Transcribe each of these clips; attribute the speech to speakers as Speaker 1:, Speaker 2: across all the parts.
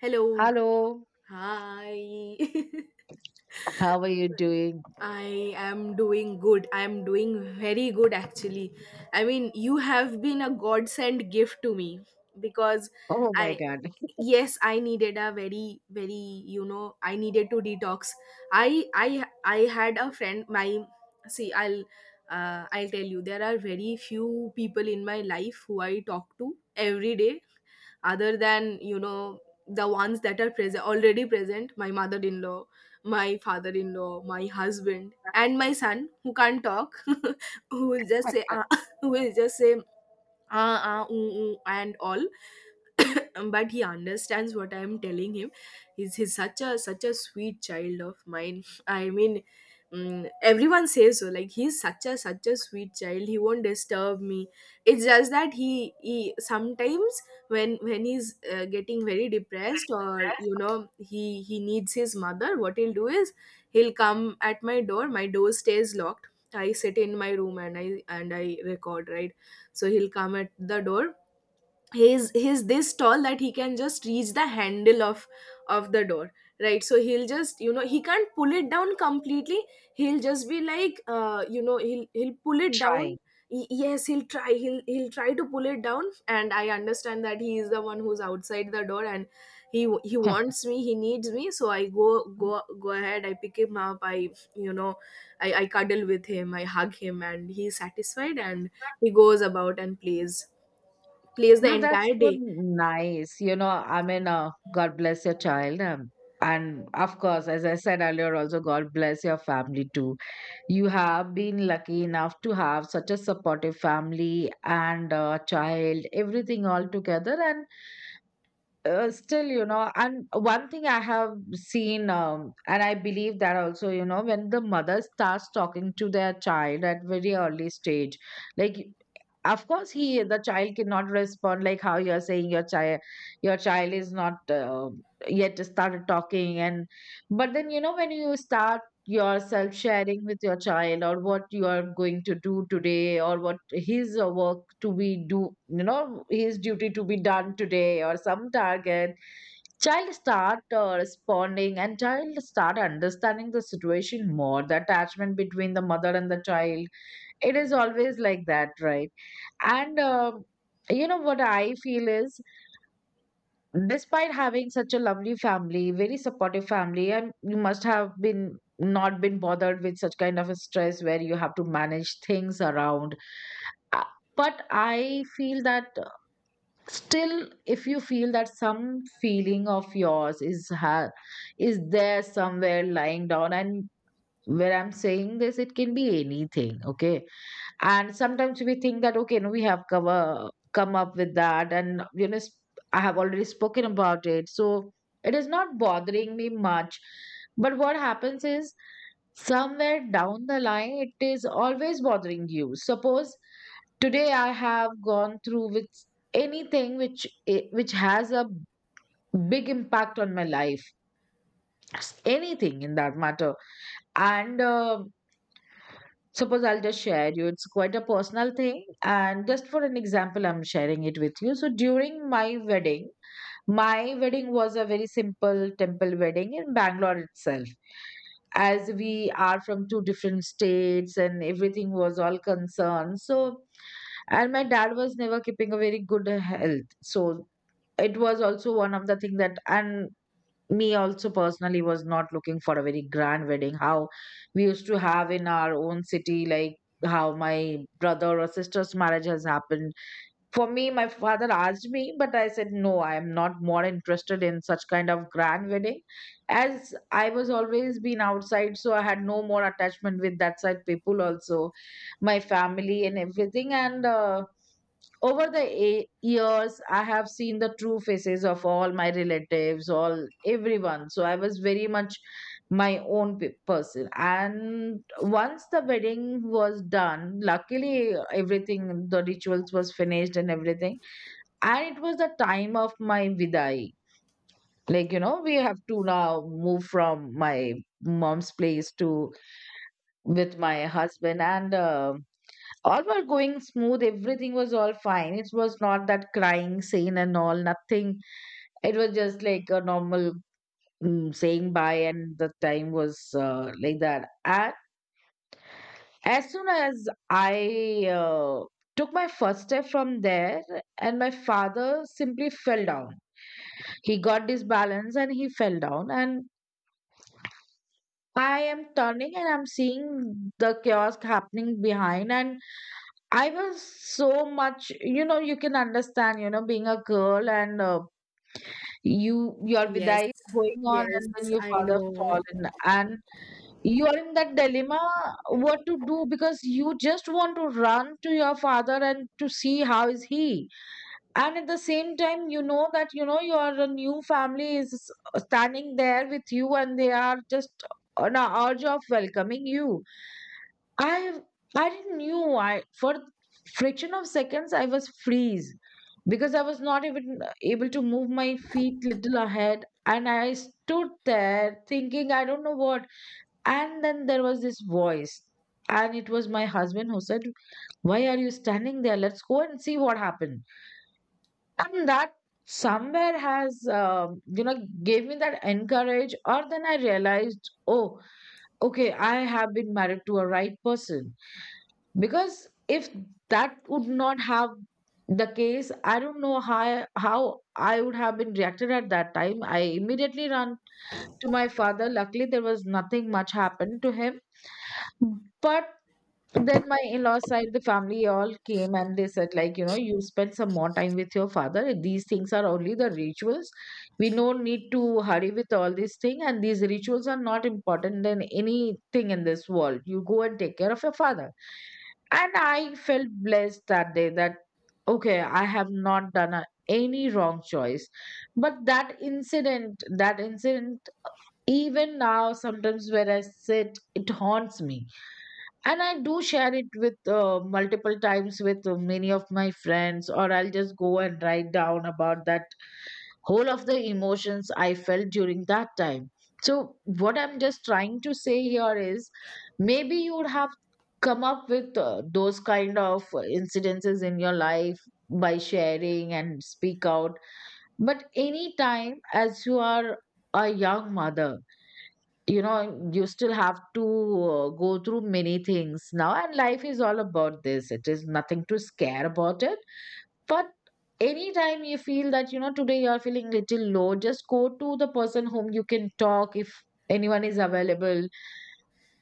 Speaker 1: Hello.
Speaker 2: Hello,
Speaker 1: Hi.
Speaker 2: how are you doing?
Speaker 1: I am doing good. I am doing very good, actually. I mean, you have been a godsend gift to me because
Speaker 2: Oh my
Speaker 1: I
Speaker 2: God.
Speaker 1: yes, I needed a very very, I needed to detox. I had a friend my see, I'll tell you there are very few people in my life who I talk to every day other than, the ones that are present already present, my mother-in-law, my father-in-law, my husband, and my son who can't talk, who will just say ah, who will just say ah ah ooh, ooh, and all. But he understands what I'm telling him. He's such a sweet child of mine. I mean, everyone says so. Like, he's such a sweet child. He won't disturb me. It's just that he sometimes, when he's getting very depressed, or
Speaker 2: That's
Speaker 1: he needs his mother. What he'll do is he'll come at my door. My door stays locked. I sit in my room, and I record, right? So he'll come at the door. He's this tall that he can just reach the handle of the door, right? So he'll just, you know, he can't pull it down completely. He'll just be like, you know, he'll pull it down.
Speaker 2: trying.
Speaker 1: Yes, he'll try. He'll try to pull it down, and I understand that he is the one who's outside the door, and he wants me, he needs me. So I go ahead, I pick him up, I you know cuddle with him, I hug him, and he's satisfied, and he goes about and plays, plays the
Speaker 2: No, that's
Speaker 1: entire
Speaker 2: so
Speaker 1: day.
Speaker 2: nice. You know, I mean, God bless your child. And of course, as I said earlier, also, God bless your family too. You have been lucky enough to have such a supportive family and child, everything all together. And. Still, you know, and one thing I have seen, and I believe that also, you know, when the mother starts talking to their child at very early stage, like of course he the child cannot respond like how you're saying, your child, your child is not yet started talking. And but then, you know, when you start yourself sharing with your child, or what you are going to do today, or what his work to be do, you know, his duty to be done today, or some target, child start responding, and child start understanding the situation more, the attachment between the mother and the child, it is always like that, right? And um, you know what I feel is, despite having such a lovely family, very supportive family, and you must have been not been bothered with such kind of a stress where you have to manage things around. Uh, but I feel that still, if you feel that some feeling of yours is ha- is there somewhere lying down, and where I'm saying this, it can be anything, okay? And sometimes we think that, okay, no, we have cover, come up with that. And, you know, I have already spoken about it, so it is not bothering me much. But what happens is, somewhere down the line, it is always bothering you. Suppose today I have gone through with anything which has a big impact on my life, anything in that matter, and suppose I'll just share you. It's quite a personal thing, and just for an example, I'm sharing it with you. So during my wedding was a very simple temple wedding in Bangalore itself. As we are from two different states and everything was all concerned. So, and my dad was never keeping a very good health. So, it was also one of the thing that, and me also personally was not looking for a very grand wedding, how we used to have in our own city, like how my brother or sister's marriage has happened. For me, my father asked me, but I said no, I am not more interested in such kind of grand wedding, as I was always been outside, so I had no more attachment with that side people also, my family and everything. And over the years, I have seen the true faces of all my relatives, all everyone. So I was very much my own person. And once the wedding was done, luckily everything, the rituals was finished and everything. And it was the time of my vidai. Like, you know, we have to now move from my mom's place to with my husband. And All were going smooth, everything was all fine, it was not that crying scene and all, nothing. It was just like a normal, saying bye, and the time was like that. And as soon as I uh, took my first step from there, and my father simply fell down. He got disbalance and he fell down, and I am turning and I'm seeing the kiosk happening behind. And I was so much, you know, you can understand, you know, being a girl, and you, your
Speaker 1: Yes,
Speaker 2: vidai is going on,
Speaker 1: yes,
Speaker 2: and then your
Speaker 1: I
Speaker 2: father
Speaker 1: know.
Speaker 2: fallen, and you are in that dilemma what to do, because you just want to run to your father and to see how is he, and at the same time you know that, you know, your new family is standing there with you, and they are just on a urge of welcoming you. I I didn't knew, I for friction of seconds I was freeze, because I was not even able to move my feet little ahead, and I stood there thinking I don't know what. And then there was this voice, and it was my husband who said, why are you standing there, let's go and see what happened. And that somewhere has, you know, gave me that encourage, or then I realized, oh okay, I have been married to a right person. Because if that would not have the case, I don't know how I would have been reacted at that time. I immediately ran to my father, luckily there was nothing much happened to him. Mm. But then my in-law side the family all came, and they said like, you know, you spend some more time with your father, these things are only the rituals, we no need to hurry with all these things, and these rituals are not important than anything in this world, you go and take care of your father. And I felt blessed that day that, okay, I have not done any wrong choice. But that incident, that incident, even now sometimes where I sit, it haunts me. And I do share it with multiple times with many of my friends, or I'll just go and write down about that, whole of the emotions I felt during that time. So what I'm just trying to say here is, maybe you would have come up with those kind of incidences in your life by sharing and speak out. But anytime, as you are a young mother, you know, you still have to go through many things now, and life is all about this, it is nothing to scare about it. But anytime you feel that, you know, today you are feeling little low, just go to the person whom you can talk, if anyone is available.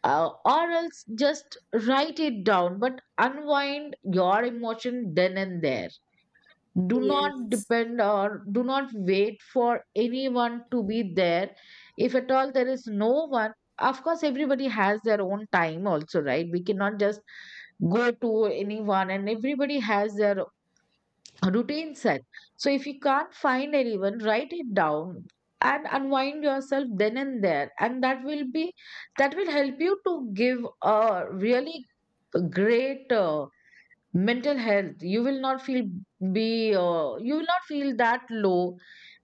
Speaker 2: Or else just write it down, but unwind your emotion then and there. Do not
Speaker 1: Yes,
Speaker 2: depend or do not wait for anyone to be there. If at all there is no one, of course everybody has their own time also, right? We cannot just go to anyone, and everybody has their routine set. So if you can't find anyone, write it down, and unwind yourself then and there, and that will help you to give a really great mental health. You will not feel be you will not feel that low.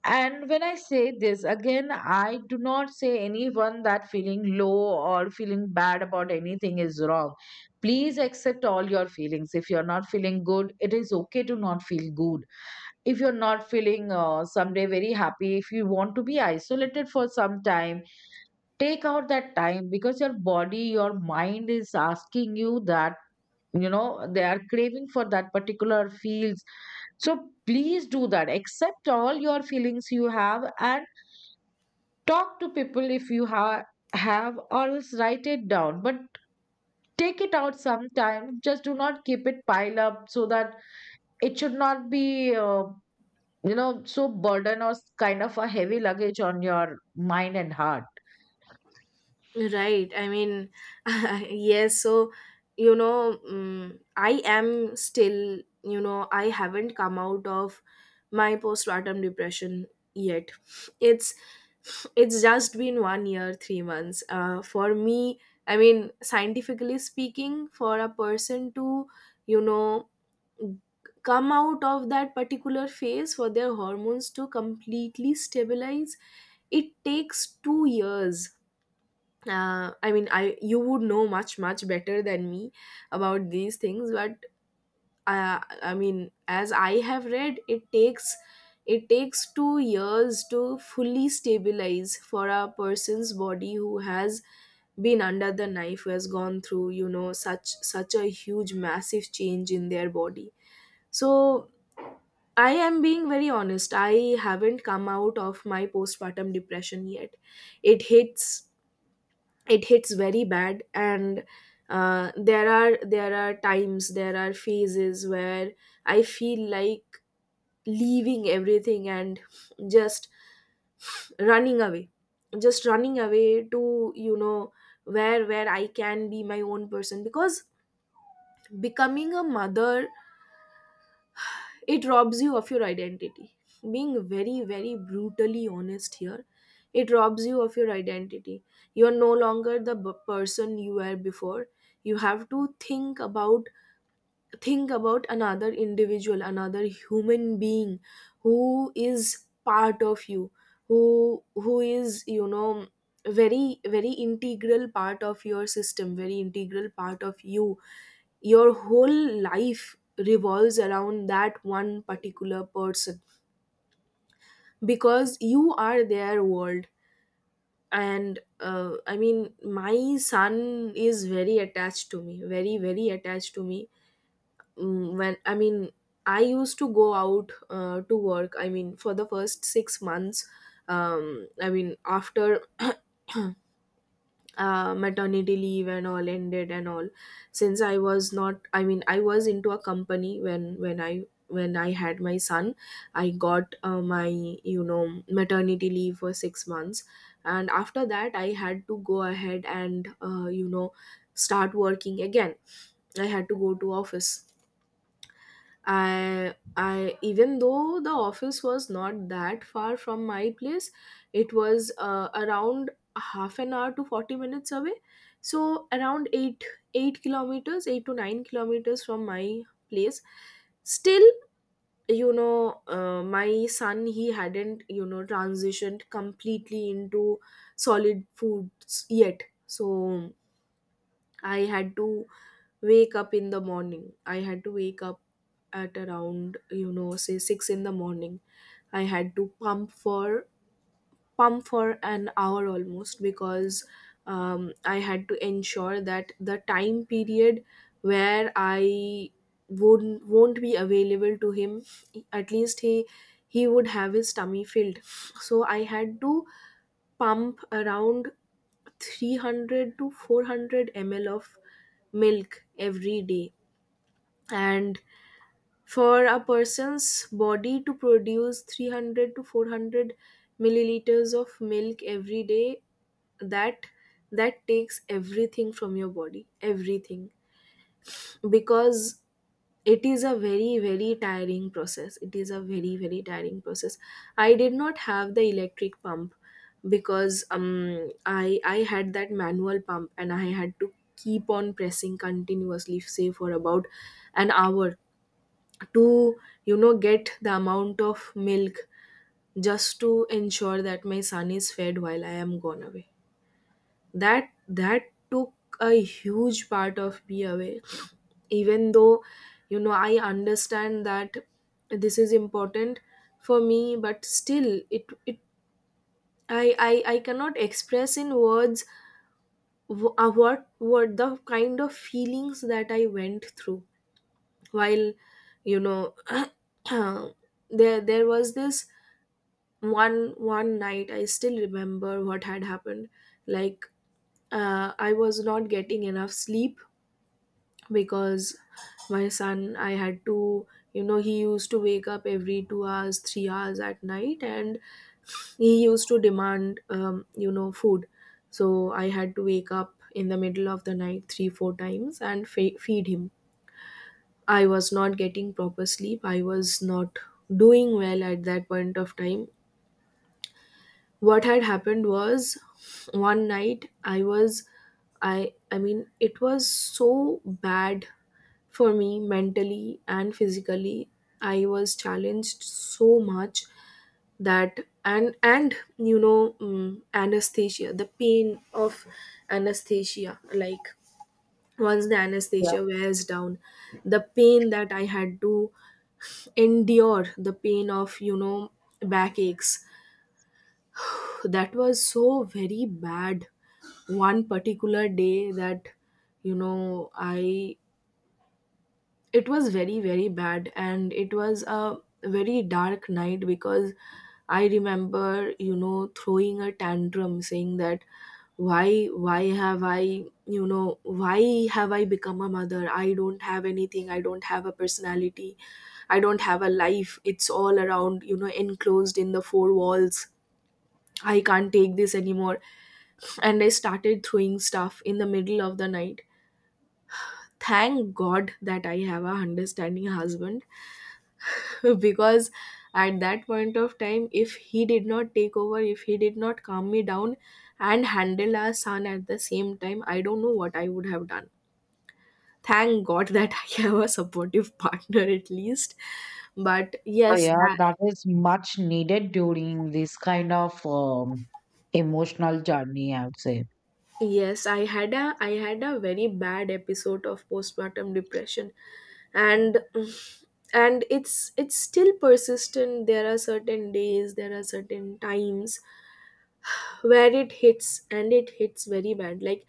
Speaker 2: And when I say this again, I do not say anyone that feeling low or feeling bad about anything is wrong. Please accept all your feelings. If you're not feeling good, it is okay to not feel good. If you're not feeling someday very happy, if you want to be isolated for some time, take out that time, because your body, your mind is asking you that, you know, they are craving for that particular fields. So please do that, accept all your feelings you have. And talk to people if you ha have, or else write it down, but take it out sometime. Just do not keep it pile up, so that it should not be, you know, so burden or kind of a heavy luggage on your mind and heart.
Speaker 1: right. I mean, yes. So, I am still, I haven't come out of my postpartum depression yet. It's it's just been 1 year, 3 months. For me, I mean, scientifically speaking, for a person to, you know, come out of that particular phase, for their hormones to completely stabilize, it takes 2 years. I mean I You would know much much better than me about these things, but uh, I mean, as I have read, it takes 2 years to fully stabilize for a person's body who has been under the knife, who has gone through, such a huge massive change in their body. So I am being very honest. I haven't come out of my postpartum depression yet. It hits it hits very bad, and there are times, there are phases where I feel like leaving everything and just running away, just running away to, where I can be my own person. Because becoming a mother, it robs you of your identity. Being very very brutally honest here, it robs you of your identity. You are no longer the person you were before. You have to think about, think about another individual, another human being who is part of you, who is, very very integral part of your system, very integral part of you. Your whole life revolves around that one particular person because you are their world. And I mean, my son is very attached to me, very very attached to me. When I mean, I used to go out to work. I mean, for the first 6 months, I mean after maternity leave and all ended and all, since I was not, I mean, I was into a company when when I had my son, I got my, you know, maternity leave for 6 months. And after that, I had to go ahead, and, you know, start working again. I had to go to office. I even though the office was not that far from my place, it was around half an hour to 40 minutes away. So around 8 kilometers, 8 to 9 kilometers from my place. Still, my son, he hadn't, transitioned completely into solid foods yet. So I had to wake up in the morning. I had to wake up at around, say 6 in the morning. I had to pump for pump for an hour almost because I had to ensure that the time period where I won't be available to him, at least he would have his tummy filled. So I had to pump around 300 to 400 ml of milk every day. And for a person's body to produce 300 to 400 milliliters of milk every day, that that takes everything from your body, everything. Because it is a very very tiring process. It is a very very tiring process. I did not have the electric pump because I had that manual pump, and I had to keep on pressing continuously, say, for about an hour to, get the amount of milk, just to ensure that my son is fed while I am gone away. That that took a huge part of me away. Even though, I understand that this is important for me, but still I cannot express in words what were the kind of feelings that I went through while, you know there was this one one night. I still remember what had happened. Like, I was not getting enough sleep because my son, I had to, he used to wake up every 2 hours 3 hours at night, and he used to demand food. So I had to wake up in the middle of the night 3 4 times and feed him. I was not getting proper sleep. I was not doing well at that point of time. What had happened was one night I was I mean, it was so bad for me mentally and physically. I was challenged so much that. And you know, anesthesia, the pain of anesthesia, like once the
Speaker 2: Yeah,
Speaker 1: anesthesia wears down, the pain that I had to endure, the pain of, backaches, that was so very bad one particular day. That, you know I it was very very bad, and it was a very dark night, because I remember, throwing a tantrum saying that why have I, why have I become a mother? I don't have anything. I don't have a personality. I don't have a life. It's all around, enclosed in the four walls. I can't take this anymore. And I started throwing stuff in the middle of the night. Thank God that I have a understanding husband. Because at that point of time, if he did not take over, if he did not calm me down and handle our son at the same time, I don't know what I would have done. Thank God that I have a supportive partner, at least. But yes,
Speaker 2: yeah,
Speaker 1: that —
Speaker 2: that is much needed during this kind of emotional journey, I would say.
Speaker 1: yes, I had a very bad episode of postpartum depression, and it's still persistent. There are certain days, there are certain times where it hits, and it hits very bad. Like,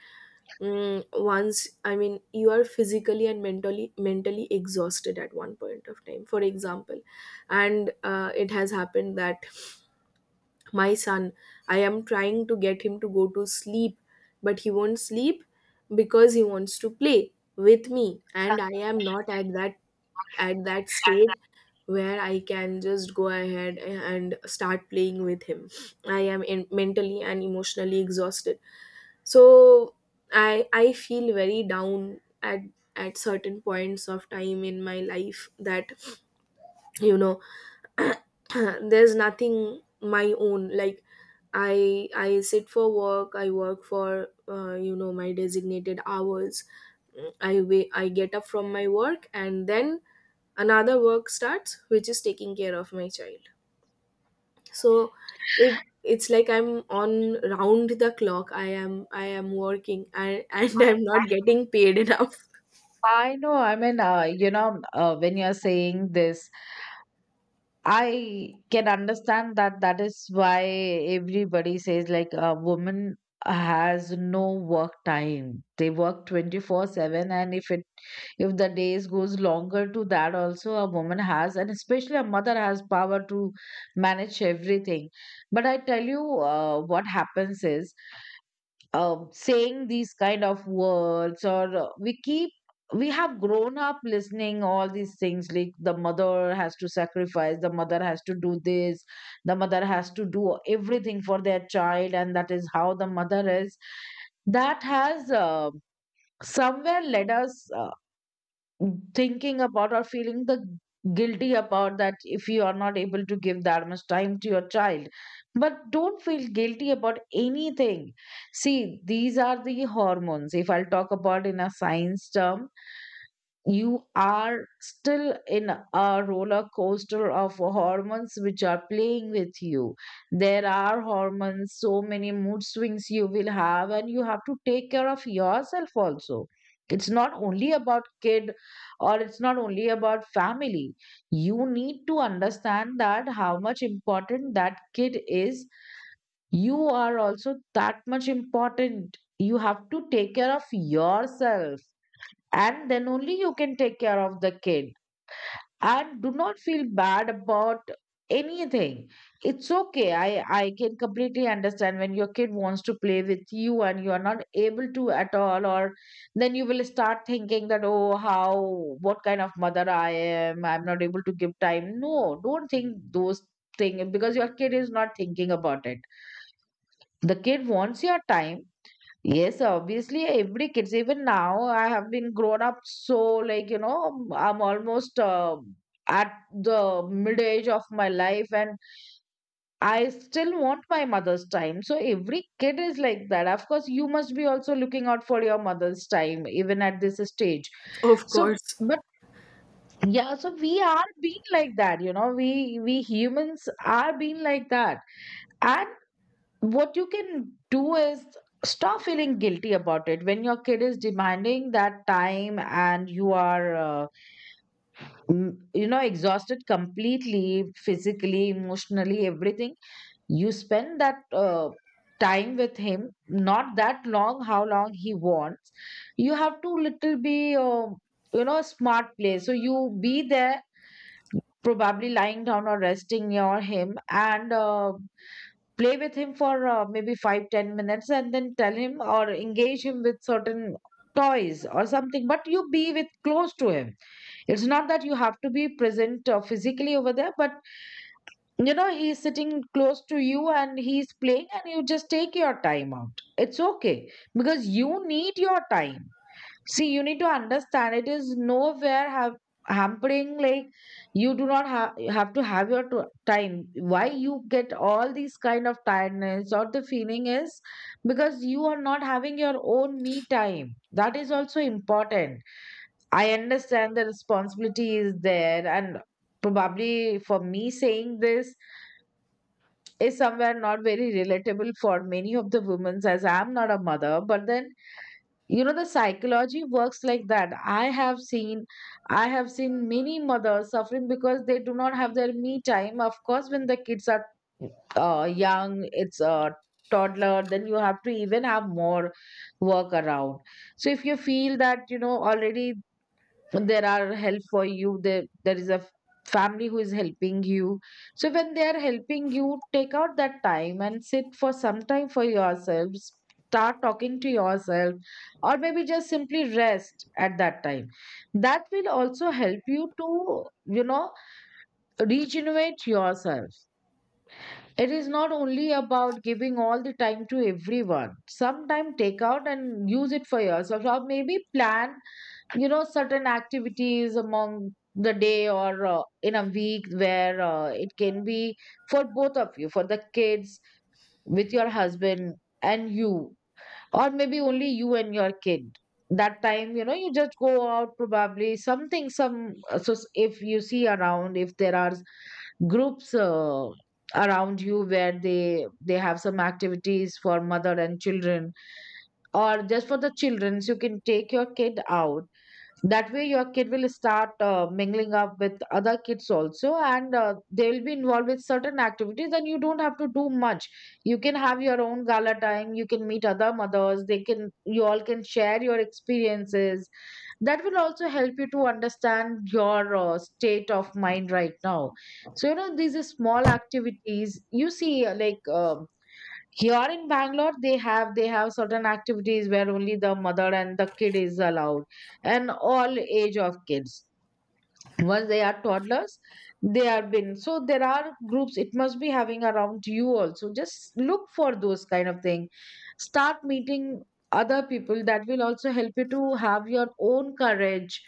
Speaker 1: once, I mean, you are physically and mentally mentally exhausted at one point of time. For example, and it has happened that my son, I am trying to get him to go to sleep, but he won't sleep because he wants to play with me, and I am not at that, at that stage where I can just go ahead and start playing with him. I am in, mentally and emotionally exhausted. So I feel very down at certain points of time in my life that, you know there's nothing my own. Like, I sit for work. I work for, my designated hours. I get up from my work, and then another work starts, which is taking care of my child. So it's like I'm on round the clock. I am working, and and I'm not getting paid enough.
Speaker 2: I know. I mean, you know, when you're saying this, I can understand that, that is why everybody says like a woman has no work time. They work 24/7, and if it, if the days goes longer to that also, a woman has, and especially a mother has power to manage everything. But I tell you, what happens is, saying these kind of words, or we keep, we have grown up listening all these things, like the mother has to sacrifice, the mother has to do this, the mother has to do everything for their child, and that is how the mother is. That has, somewhere led us, thinking about or feeling the guilty about that, if you are not able to give that much time to your child. But don't feel guilty about anything. See, these are the hormones, if I'll talk about in a science term, you are still in a roller coaster of hormones which are playing with you. There are hormones, so many mood swings you will have, and you have to take care of yourself also. It's not only about kid, or it's not only about family. You need to understand that how much important that kid is, you are also that much important. You have to take care of yourself, and then only you can take care of the kid, and do not feel bad about anything. It's okay. I can completely understand when your kid wants to play with you and you are not able to at all. Or then you will start thinking that, oh, how, what kind of mother I am, I'm not able to give time. No, don't think those things because your kid is not thinking about it. The kid wants your time. Yes, obviously, every kids, even now, I have been grown up, so like, you know, I'm almost at the mid age of my life, and I still want my mother's time. So every kid is like that. Of course, you must be also looking out for your mother's time, even at this stage.
Speaker 1: Of
Speaker 2: So,
Speaker 1: course,
Speaker 2: but yeah, so we are being like that, you know, we humans are being like that. And what you can do is stop feeling guilty about it when your kid is demanding that time, and you are you know, exhausted completely, physically, emotionally, everything. You spend that time with him, not that long how long he wants. You have to little be you know, smart play, so you be there, probably lying down or resting near him, and play with him for maybe 5-10 minutes, and then tell him or engage him with certain toys or something, but you be with close to him. It's not that you have to be present physically over there, but you know, he's sitting close to you and he's playing, and you just take your time out. It's okay because you need your time. See, you need to understand it is nowhere have hampering, like, you do not have to have your time. Why you get all these kind of tiredness or the feeling is because you are not having your own me time. That is also important. I understand the responsibility is there, and probably for me saying this is somewhere not very relatable for many of the women, as I am not a mother, but then you know the psychology works like that. I have seen many mothers suffering because they do not have their me time. Of course, when the kids are young, it's a toddler, then you have to even have more work around. So if you feel that, you know, already there are help for you there, family who is helping you, so when they are helping you, take out that time and sit for some time for yourself. Start talking to yourself, or maybe just simply rest at that time. That will also help you to, you know, regenerate yourself. It is not only about giving all the time to everyone. Sometime take out and use it for yourself, or maybe plan, you know, certain activities among the day, or in a week, where it can be for both of you, for the kids, with your husband and you, or maybe only you and your kid. That time, you know, you just go out, probably something, some so if you see around, if there are groups around you, where they have some activities for mother and children, or just for the children, so you can take your kid out. That way your kid will start mingling up with other kids also, and they will be involved with certain activities, and you don't have to do much. You can have your own gala time. You can meet other mothers. They can, you all can share your experiences. That will also help you to understand your state of mind right now. So you know, these are small activities, you see like here in Bangalore, they have certain activities where only the mother and the kid is allowed, and all age of kids, once they are toddlers, they are been. So there are groups, it must be having around you also. Just look for those kind of thing, start meeting other people. That will also help you to have your own courage.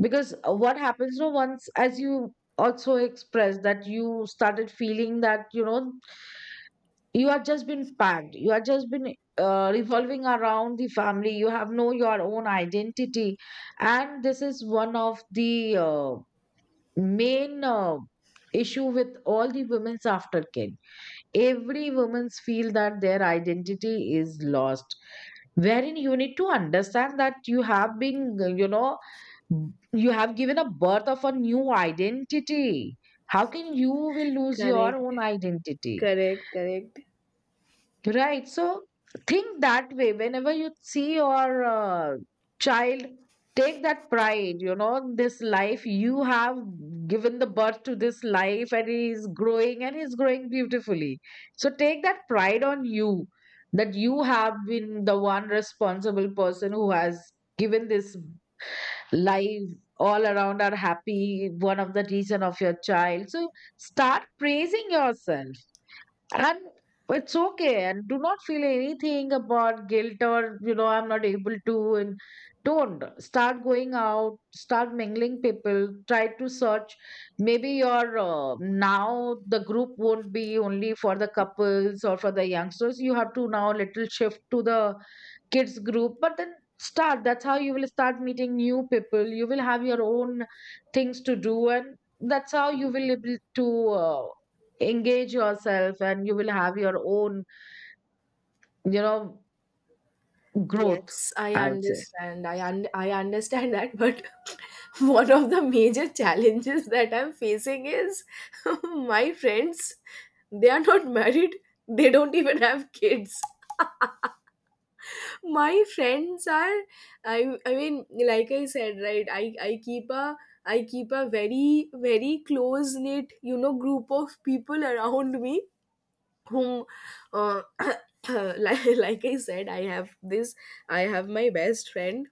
Speaker 2: Because what happens, no, once, as you also expressed, that you started feeling that, you know, you are just been packed, you are just been revolving around the family, you have no your own identity. And this is one of the main issue with all the women's aftercare. Every woman's feel that their identity is lost, wherein you need to understand that you have been, you know, you have given a birth of a new identity. How can you will lose your
Speaker 1: correct,
Speaker 2: own identity?
Speaker 1: correct, correct.
Speaker 2: Right. So think that way. Whenever you see your child, take that pride, you know, this life you have given, the birth to this life, and he is growing, and he's growing beautifully. So take that pride on you, that you have been the one responsible person who has given this life. All around are happy, one of the reason of your child. So start praising yourself. And it's okay, and do not feel anything about guilt, or, you know, I'm not able to. And don't start going out, start mingling people, try to search. Maybe your now the group won't be only for the couples or for the youngsters. You have to now little shift to the kids group, but then start. That's how you will start meeting new people. You will have your own things to do, and that's how you will able to. Engage yourself, and you will have your own, you know, growth.
Speaker 1: Yes, I
Speaker 2: I would say,
Speaker 1: understand. I understand that, but one of the major challenges that I'm facing is my friends, they are not married. They don't even have kids. My friends are— I mean, like I said, right, I keep a— I keep a very close knit, you know, group of people around me whom uh, like I said, I have this— I have my best friend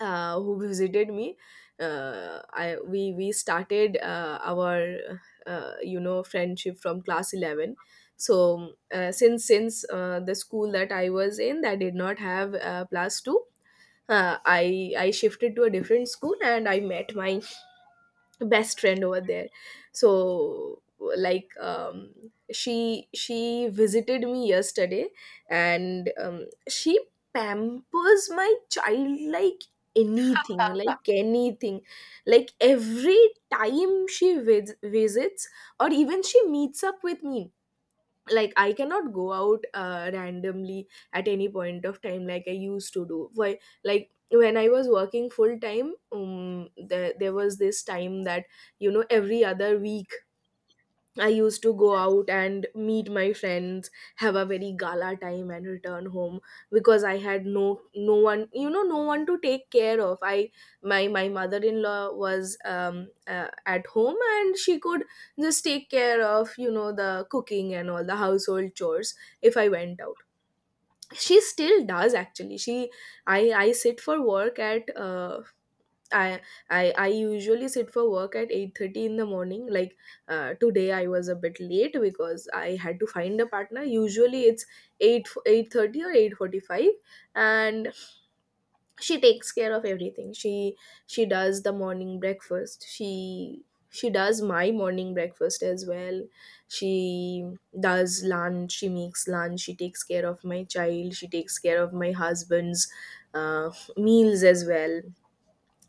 Speaker 1: who visited me. Uh, i we we started our friendship from class 11. Since the school that I was in that did not have plus 2, I shifted to a different school and I met my best friend over there. So, like um she visited me yesterday, and she pampers my child like anything, like anything. Like every time she visits or even she meets up with me— like I cannot go out randomly at any point of time like I used to do. Why? Like when I was working full time, there was this time that, you know, every other week I used to go out and meet my friends, have a very gala time and return home, because I had no one, you know, no one to take care of. I my my mother-in-law was at home and she could just take care of, you know, the cooking and all the household chores if I went out. She still does, actually. She— I sit for work at I I usually sit for work at 8:30 in the morning. Like today I was a bit late because I had to find a partner. Usually it's 8— 8:30 or 8:45, and she takes care of everything. She does the morning breakfast. She does my morning breakfast as well. She does lunch, she makes lunch, she takes care of my child, she takes care of my husband's uh, meals as well.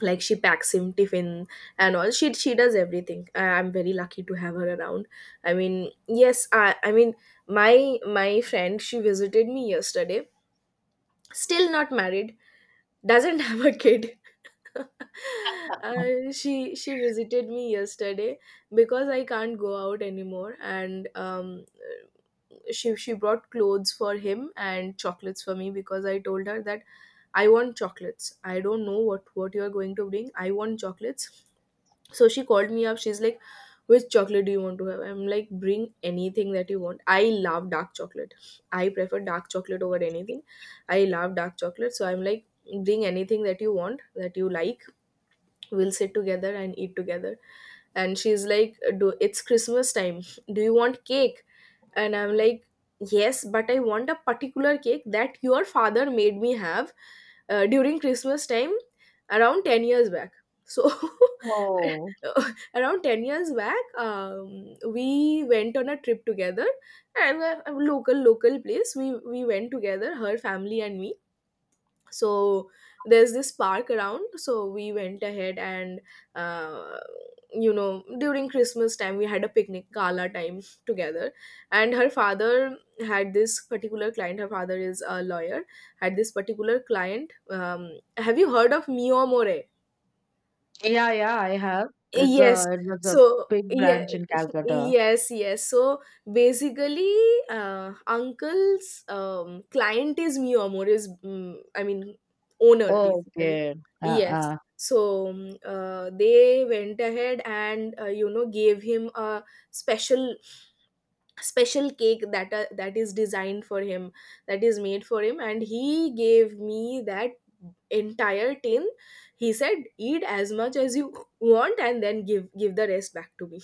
Speaker 1: Like she packs him tiffin and all. She does everything. I, I'm very lucky to have her around. I mean, yes, I mean, my friend, she visited me yesterday, still not married, doesn't have a kid. She visited me yesterday because I can't go out anymore, and she brought clothes for him and chocolates for me, because I told her that I want chocolates. I don't know what you are going to bring, I want chocolates. So she called me up. She's like, which chocolate do you want to have? I'm like, bring anything that you want. I love dark chocolate. I prefer dark chocolate over anything. I love dark chocolate. So I'm like, bring anything that you want, that you like. We'll sit together and eat together. And she's like, do— it's Christmas time. Do you want cake? And I'm like, yes, but I want a particular cake that your father made me have during Christmas time, around 10 years back. So
Speaker 2: oh,
Speaker 1: around 10 years back, we went on a trip together, and a— a local place. We went together, her family and me. So there's this park around, so we went ahead, and uh, during Christmas time we had a picnic, gala time together. And her father had this particular client— her father is a lawyer— had this particular client, have you heard of Mio More?
Speaker 2: yeah, yeah, I have.
Speaker 1: Yes.
Speaker 2: It was a
Speaker 1: So
Speaker 2: big
Speaker 1: yeah,
Speaker 2: branch in Calcutta.
Speaker 1: yes, yes. So basically, uncle's client is Mio Amor, is I mean, owner basically.
Speaker 2: Okay.
Speaker 1: Yes.
Speaker 2: Uh-uh.
Speaker 1: So they went ahead and, gave him a special special cake, that that is designed for him, that is made for him, and he gave me that entire tin. He said, eat as much as you want and then give the rest back to me.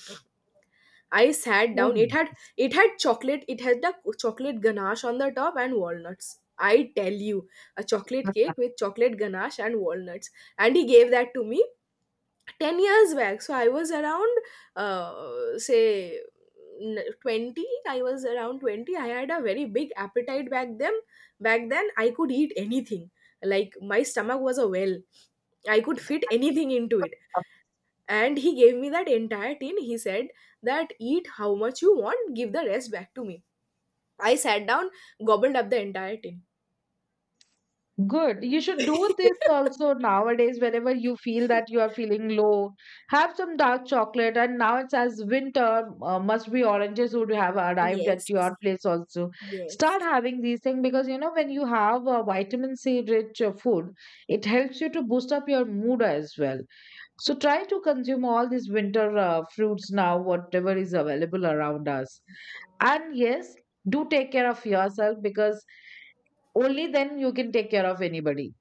Speaker 1: I sat
Speaker 2: So
Speaker 1: down, it had—
Speaker 2: nice.
Speaker 1: it had chocolate, it had the chocolate ganache on the top and walnuts, I tell you. A chocolate cake with chocolate ganache and walnuts, and he gave that to me 10 years back. So I was around, uh, say n- 20. I was around 20. I had a very big appetite back then. Back then I could eat anything. Like my stomach was a well, I could fit anything into it. And he gave me that entire tin. He said that, eat how much you want, give the rest back to me. I sat down, gobbled up the entire tin.
Speaker 2: Good. You should do this also nowadays whenever you feel that you are feeling low. Have some dark chocolate. And now it's as winter, must be oranges would have arrived at
Speaker 1: Yes,
Speaker 2: your place also. Start
Speaker 1: yes.
Speaker 2: having these things because you know when you have vitamin C rich food, it helps you to boost up your mood as well. So try to consume all these winter fruits now, whatever is available around us. And yes, do take care of yourself because only then you can take care of anybody.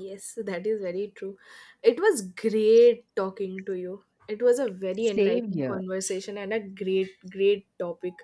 Speaker 1: Yes, that is very true. It was great talking to you. It was a very enlightening
Speaker 2: Savior.
Speaker 1: conversation and a great, great topic.